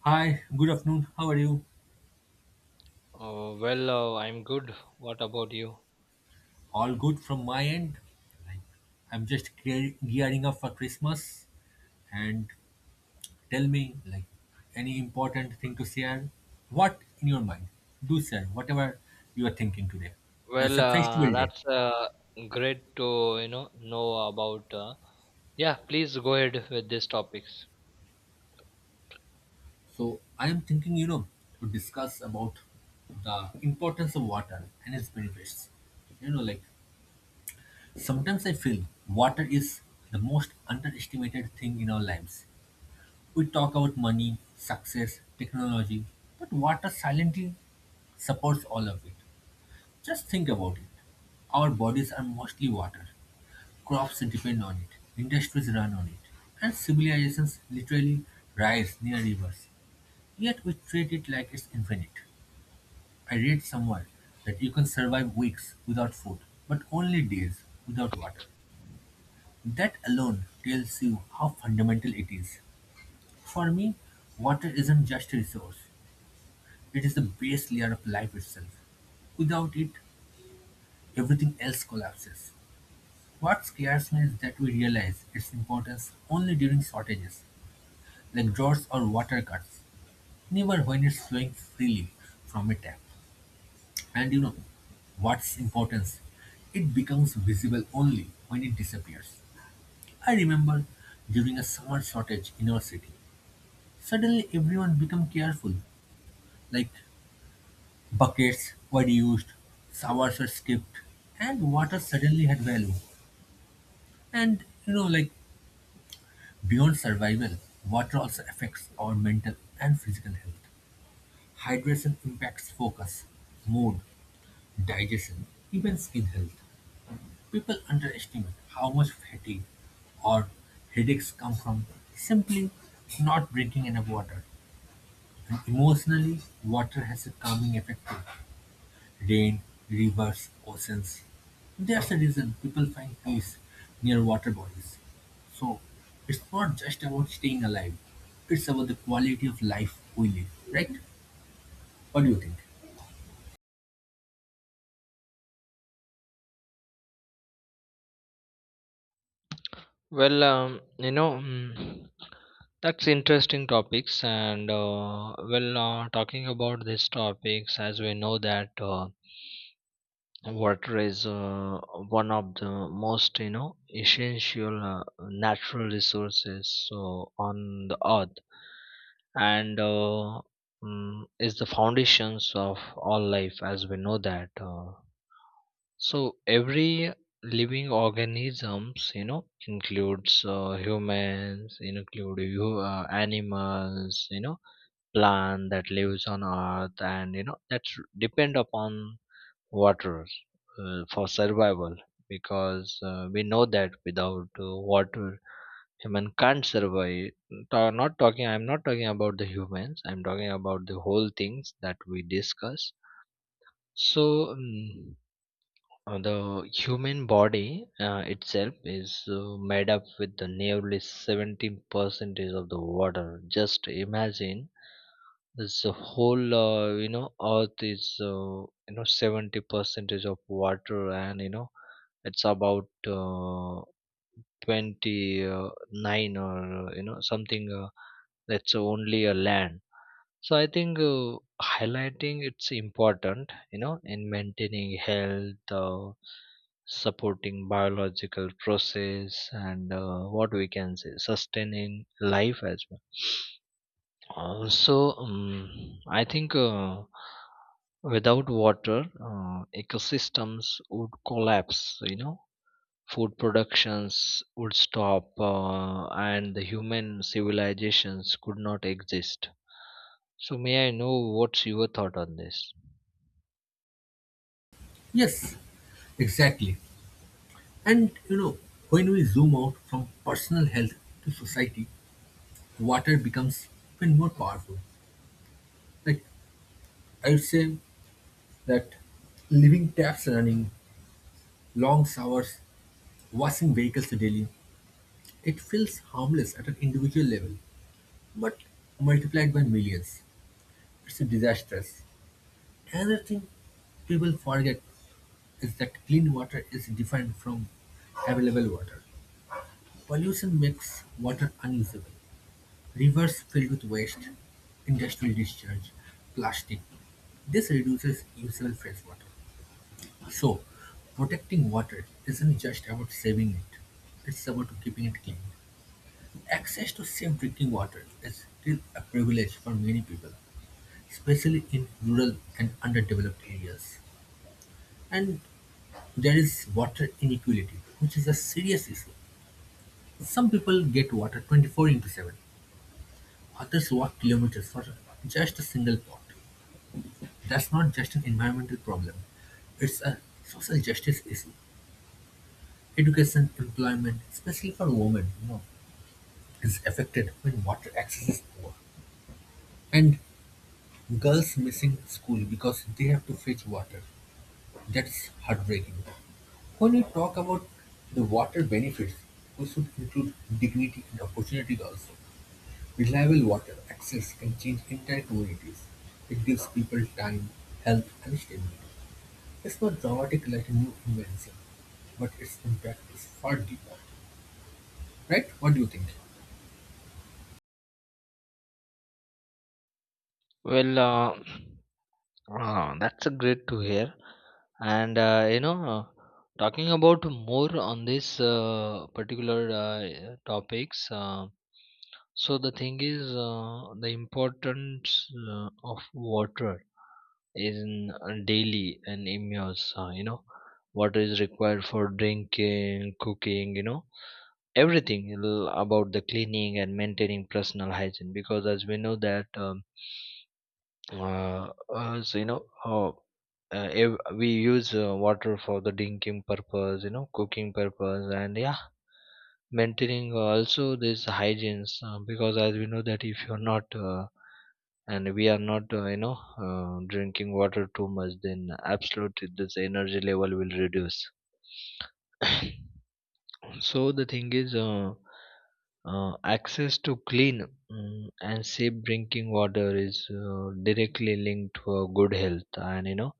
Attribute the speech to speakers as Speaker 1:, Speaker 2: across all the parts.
Speaker 1: Hi, good afternoon. How are you?
Speaker 2: I'm good. What about you?
Speaker 1: All good from my end. Like, I'm just gearing up for Christmas. And tell me, like, any important thing to share? What in your mind? Do share whatever you are thinking today. It's
Speaker 2: Well,
Speaker 1: a festival day,
Speaker 2: that's great to know about. Yeah, please go ahead with these topics.
Speaker 1: so I am thinking, to discuss about the importance of water and its benefits. You know, like sometimes I feel water is the most underestimated thing in our lives. We talk about money, success, technology, but water silently supports all of it. Just think about it. Our bodies are mostly water. Crops depend on it. Industries run on it. And civilizations literally rise near rivers. Yet we treat it like it's infinite. I read somewhere that you can survive weeks without food, but only days without water. That alone tells you how fundamental it is. For me, water isn't just a resource, it is the base layer of life itself. Without it, everything else collapses. What scares me is that we realize its importance only during shortages, like droughts or water cuts, never when it's flowing freely from a tap. And you know, what's importance? It becomes visible only when it disappears. I remember during a summer shortage in our city, suddenly everyone became careful, like buckets were used, showers were skipped, and water suddenly had value. And like beyond survival, water also affects our mental and physical health. Hydration impacts focus, mood, digestion, even skin health. People underestimate how much fatigue or headaches come from simply not drinking enough water. And emotionally, water has a calming effect too. Rain, rivers, oceans. That's the reason people find peace near water bodies. So, it's not just about staying alive, it's about the quality of life we live, right? What do you think?
Speaker 2: Well, um, you know, mm, that's interesting topics, and talking about these topics, as we know that. Water is one of the most essential natural resources so on the earth and is the foundations of all life as we know that. So every living organisms includes humans, include you, animals, plant that lives on earth, and you know that's depend upon water for survival, because we know that without water human can't survive. Ta- not talking I'm not talking about the humans, I'm talking about the whole things that we discuss. So mm uh, the human body itself is made up with the nearly 17% of the water. Just imagine, this whole, earth is, 70% of water, and it's about 29, or something, that's only a land. So I think highlighting it's important, you know, in maintaining health, supporting biological process, and what we can say, sustaining life as well. I think without water, ecosystems would collapse. You know, food productions would stop, and the human civilizations could not exist. So may I know what's your thought on this?
Speaker 1: Yes, exactly. And you know, when we zoom out from personal health to society, water becomes even more powerful. Like, I would say that leaving taps running, long showers, washing vehicles daily, it feels harmless at an individual level, but multiplied by millions. It's disastrous. Another thing people forget is that clean water is different from available water. Pollution makes water unusable. Rivers filled with waste, industrial discharge, plastic. This reduces usable fresh water. So, protecting water isn't just about saving it, it's about keeping it clean. Access to safe drinking water is still a privilege for many people, especially in rural and underdeveloped areas. And there is water inequality, which is a serious issue. Some people get water 24 into 7, others walk kilometers for just a single pot. That's not just an environmental problem, it's a social justice issue. Education, employment, especially for women, is affected when water access is poor. And girls missing school because they have to fetch water. That's heartbreaking. When we talk about the water benefits, we should include dignity and opportunities also. Reliable water access can change entire communities. It gives people time, health, and stability. It's not dramatic like a new invention, but its impact is far deeper. Right? What do you think?
Speaker 2: Well, uh, that's a great to hear. And uh, you know, uh, Talking about more on this particular topics. So the thing is, the importance of water in daily and in your, water is required for drinking, cooking, you know, everything about the cleaning and maintaining personal hygiene. Because as we know that. So you know ev- We use water for the drinking purpose, you know, cooking purpose, and yeah, maintaining also this hygienes, because as we know that if you're not and we are not, drinking water too much, then absolutely this energy level will reduce. So the thing is, access to clean, and safe drinking water is directly linked to good health and you know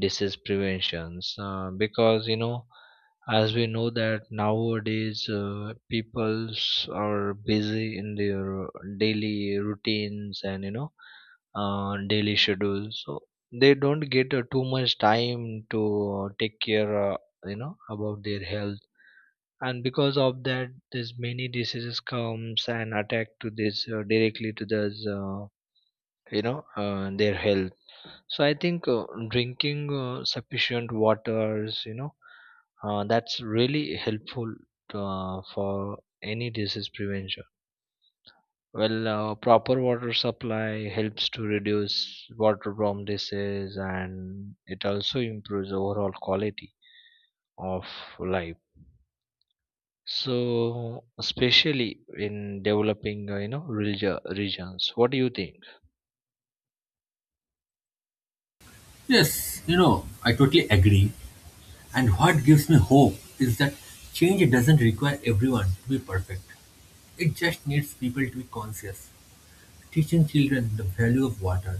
Speaker 2: disease preventions, because as we know that nowadays peoples are busy in their daily routines, and daily schedules, so they don't get too much time to take care, you know, about their health, and because of that there's many diseases comes and attack to this, directly to the, uh, their health. So I think drinking sufficient waters, that's really helpful to, for any disease prevention. Proper water supply helps to reduce waterborne disease, and it also improves overall quality of life. So, especially in developing, regions, what do you think?
Speaker 1: Yes, you know, I totally agree. And what gives me hope is that change doesn't require everyone to be perfect. It just needs people to be conscious. Teaching children the value of water,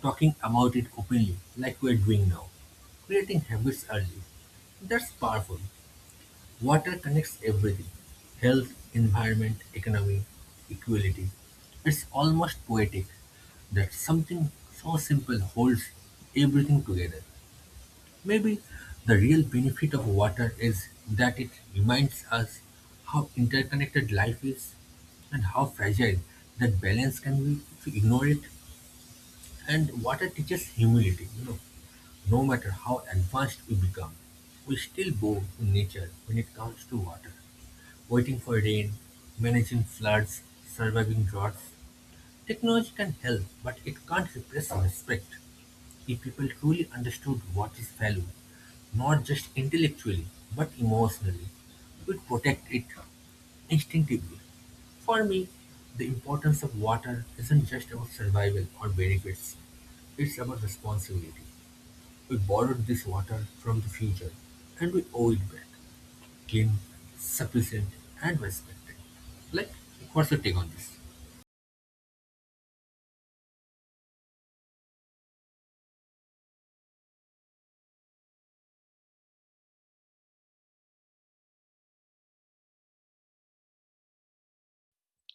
Speaker 1: talking about it openly, like we're doing now, creating habits early. That's powerful. Water connects everything: health, environment, economy, equality. It's almost poetic that something so simple holds everything together. Maybe the real benefit of water is that it reminds us how interconnected life is and how fragile that balance can be if we ignore it. And water teaches humility. No matter how advanced we become, we still bow to nature when it comes to water. Waiting for rain, managing floods, surviving droughts. Technology can help, but it can't replace respect. If people truly understood what is value, not just intellectually, but emotionally, we'd protect it instinctively. For me, the importance of water isn't just about survival or benefits, it's about responsibility. We borrowed this water from the future and we owe it back clean, sufficient, and respected. Like, what's your take on this?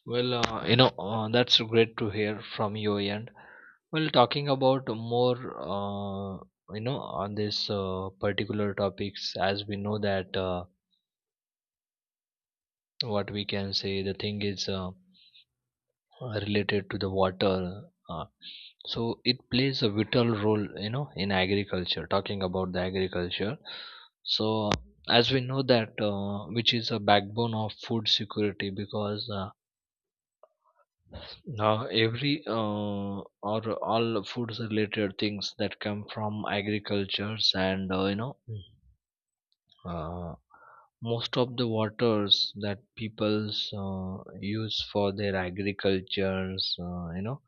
Speaker 2: That's great to hear from your end. Well, talking about more, on this particular topics, as we know that, what we can say, the thing is. Related to the water, uh, so it plays a vital role, you know, in agriculture. Talking about the agriculture, so as we know that, which is a backbone of food security, because now every or all foods related things that come from agricultures, and uh, most of the waters that peoples use for their agricultures, uh, you know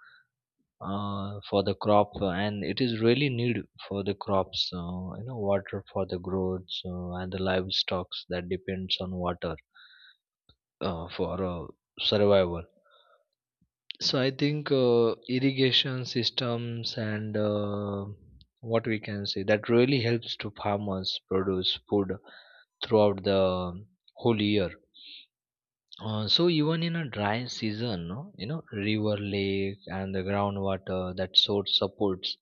Speaker 2: uh, for the crop, and it is really need for the crops, water for the growths, and the livestock that depends on water for survival. So I think irrigation systems and, what we can say, that really helps to farmers produce food throughout the whole year. So even in a dry season, no, you know, river, lake, and the groundwater, that source supports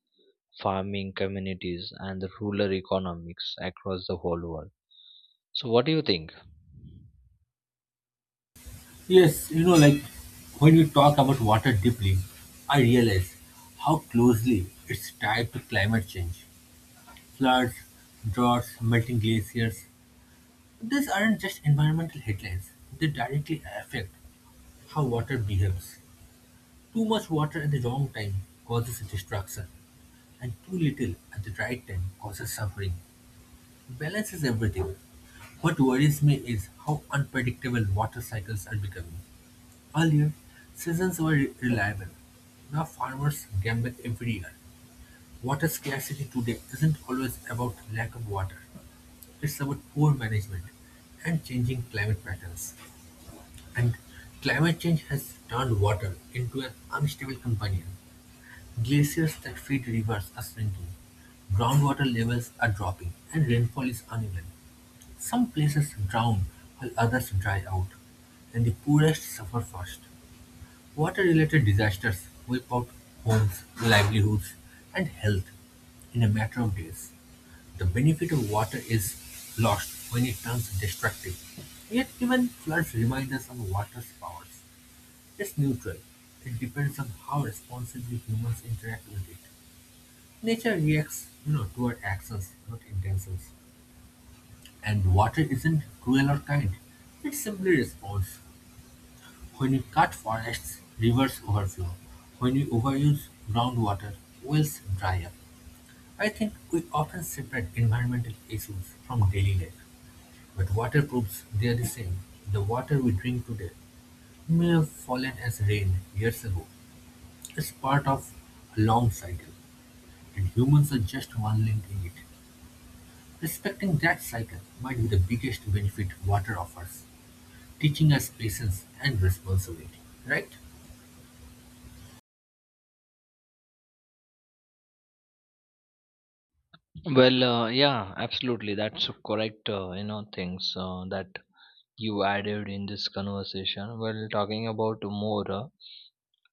Speaker 2: farming communities and the rural economics across the whole world. So what do you think?
Speaker 1: Yes, you know, like when we talk about water deeply, I realize how closely it's tied to climate change: floods, droughts, melting glaciers. These aren't just environmental headlines, they directly affect how water behaves. Too much water at the wrong time causes destruction, and too little at the right time causes suffering. Balance is everything. What worries me is how unpredictable water cycles are becoming. Earlier, seasons were reliable. Now farmers gamble every year. Water scarcity today isn't always about lack of water. It's about poor management and changing climate patterns. And climate change has turned water into an unstable companion. Glaciers that feed rivers are shrinking. Groundwater levels are dropping and rainfall is uneven. Some places drown while others dry out, and the poorest suffer first. Water related disasters wipe out homes, livelihoods, and health in a matter of days. The benefit of water is lost when it turns destructive. Yet even floods remind us of water's powers. It's neutral, it depends on how responsibly humans interact with it. Nature reacts, toward actions, not intentions. And water isn't cruel or kind. It simply responds. When you cut forests, rivers overflow. When you overuse groundwater, wells dry up. I think we often separate environmental issues from daily life. But water proves they are the same. The water we drink today may have fallen as rain years ago, is part of a long cycle, and humans are just one link in it. Respecting that cycle might be the biggest benefit water offers, teaching us patience and responsibility, right?
Speaker 2: Yeah, absolutely, that's a correct, you know, things that you added in this conversation. Well, talking about more,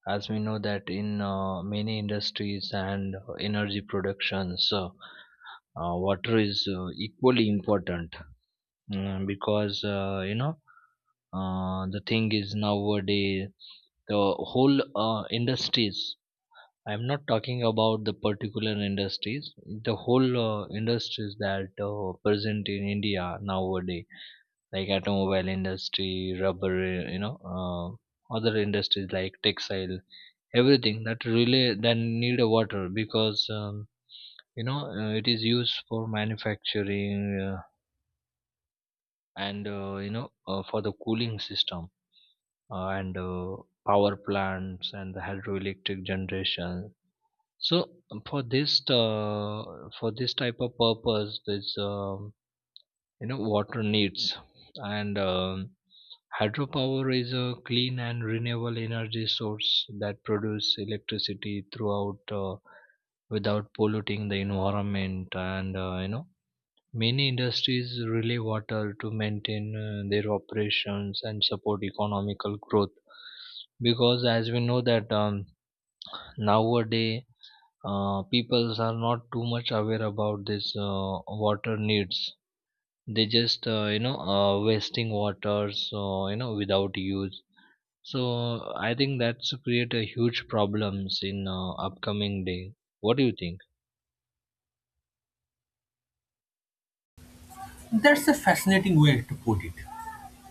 Speaker 2: as we know that in many industries and energy productions, water is equally important, because the thing is, nowadays the whole industries, I'm not talking about the particular industries, the whole industries that present in India nowadays, like automobile industry, rubber, other industries like textile, everything that really that need a water, because it is used for manufacturing, and for the cooling system, and power plants, and the hydroelectric generation. So for this, for this type of purpose, this water needs. And hydropower is a clean and renewable energy source that produce electricity throughout, without polluting the environment, and many industries rely water to maintain their operations and support economical growth. Because as we know that, nowadays peoples are not too much aware about this, water needs. They just, wasting water, so without use. So I think that's create a huge problems in upcoming day. What do you think?
Speaker 1: That's a fascinating way to put it.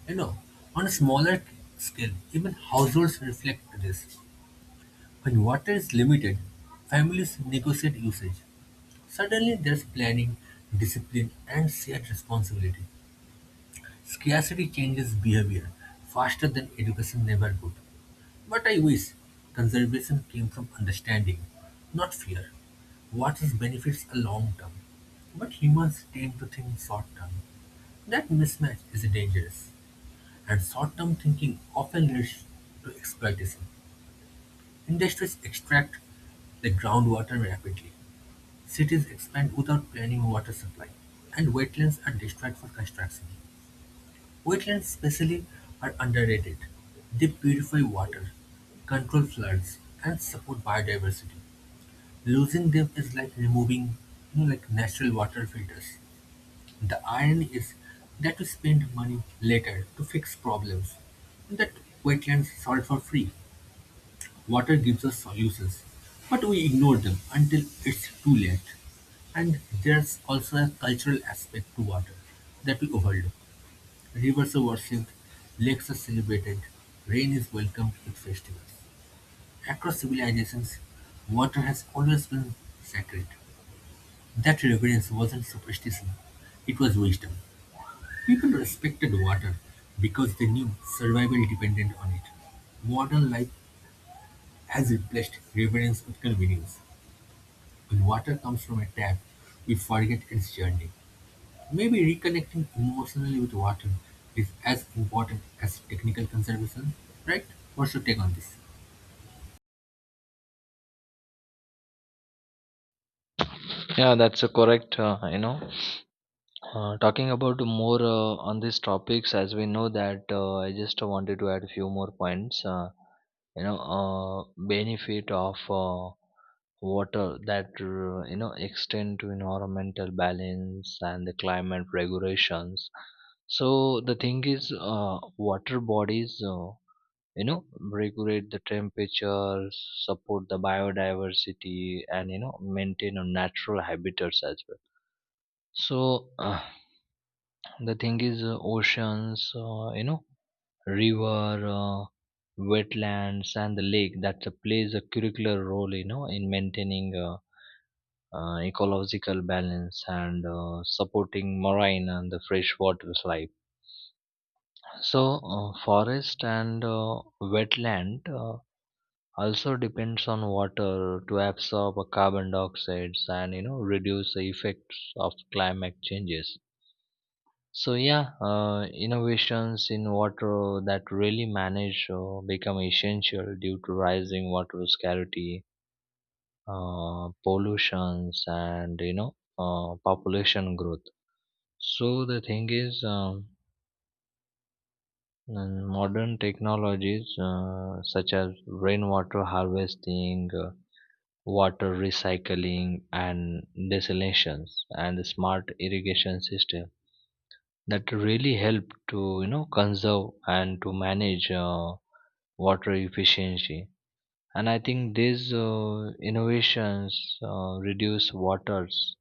Speaker 1: You know, on a smaller scale, even households reflect this. When water is limited, families negotiate usage. Suddenly, there's planning, discipline, and shared responsibility. Scarcity changes behavior faster than education never could. But I wish conservation came from understanding, not fear. What is benefits are long term, but humans tend to think short term. That mismatch is dangerous, and short term thinking often leads to exploitation. Industries extract the groundwater rapidly, cities expand without planning water supply, and wetlands are destroyed for construction. Wetlands especially, are underrated; they purify water, control floods, and support biodiversity. Losing them is like removing, like natural water filters. The irony is that we spend money later to fix problems that wetlands solve for free. Water gives us solutions, but we ignore them until it's too late. And there's also a cultural aspect to water that we overlook. Rivers are worshipped, lakes are celebrated, rain is welcomed with festivals. Across civilizations, water has always been sacred. That reverence wasn't superstition, it was wisdom. People respected water because they knew survival depended on it. Modern life has replaced reverence with convenience. When water comes from a tap, we forget its journey. Maybe reconnecting emotionally with water is as important as technical conservation, right? What's your take on this?
Speaker 2: Yeah, that's a correct. Talking about more on these topics, as we know that, I just wanted to add a few more points. Benefit of water, that extend to environmental balance and the climate regulations. So the thing is, water bodies, regulate the temperature, support the biodiversity, and, you know, maintain a natural habitats as well. So. The thing is, oceans, river, wetlands, and the lake, that plays a curricular role, you know, in maintaining, ecological balance, and supporting marine and the freshwater life. So, forest and wetland also depends on water to absorb carbon dioxide, and you know reduce the effects of climate changes. So yeah, innovations in water that really manage become essential due to rising water scarcity, pollutions, and population growth. So the thing is, modern technologies such as rainwater harvesting, water recycling, and desalinations, and smart irrigation system, that really help to, you know, conserve and to manage water efficiency. And I think these innovations reduce waters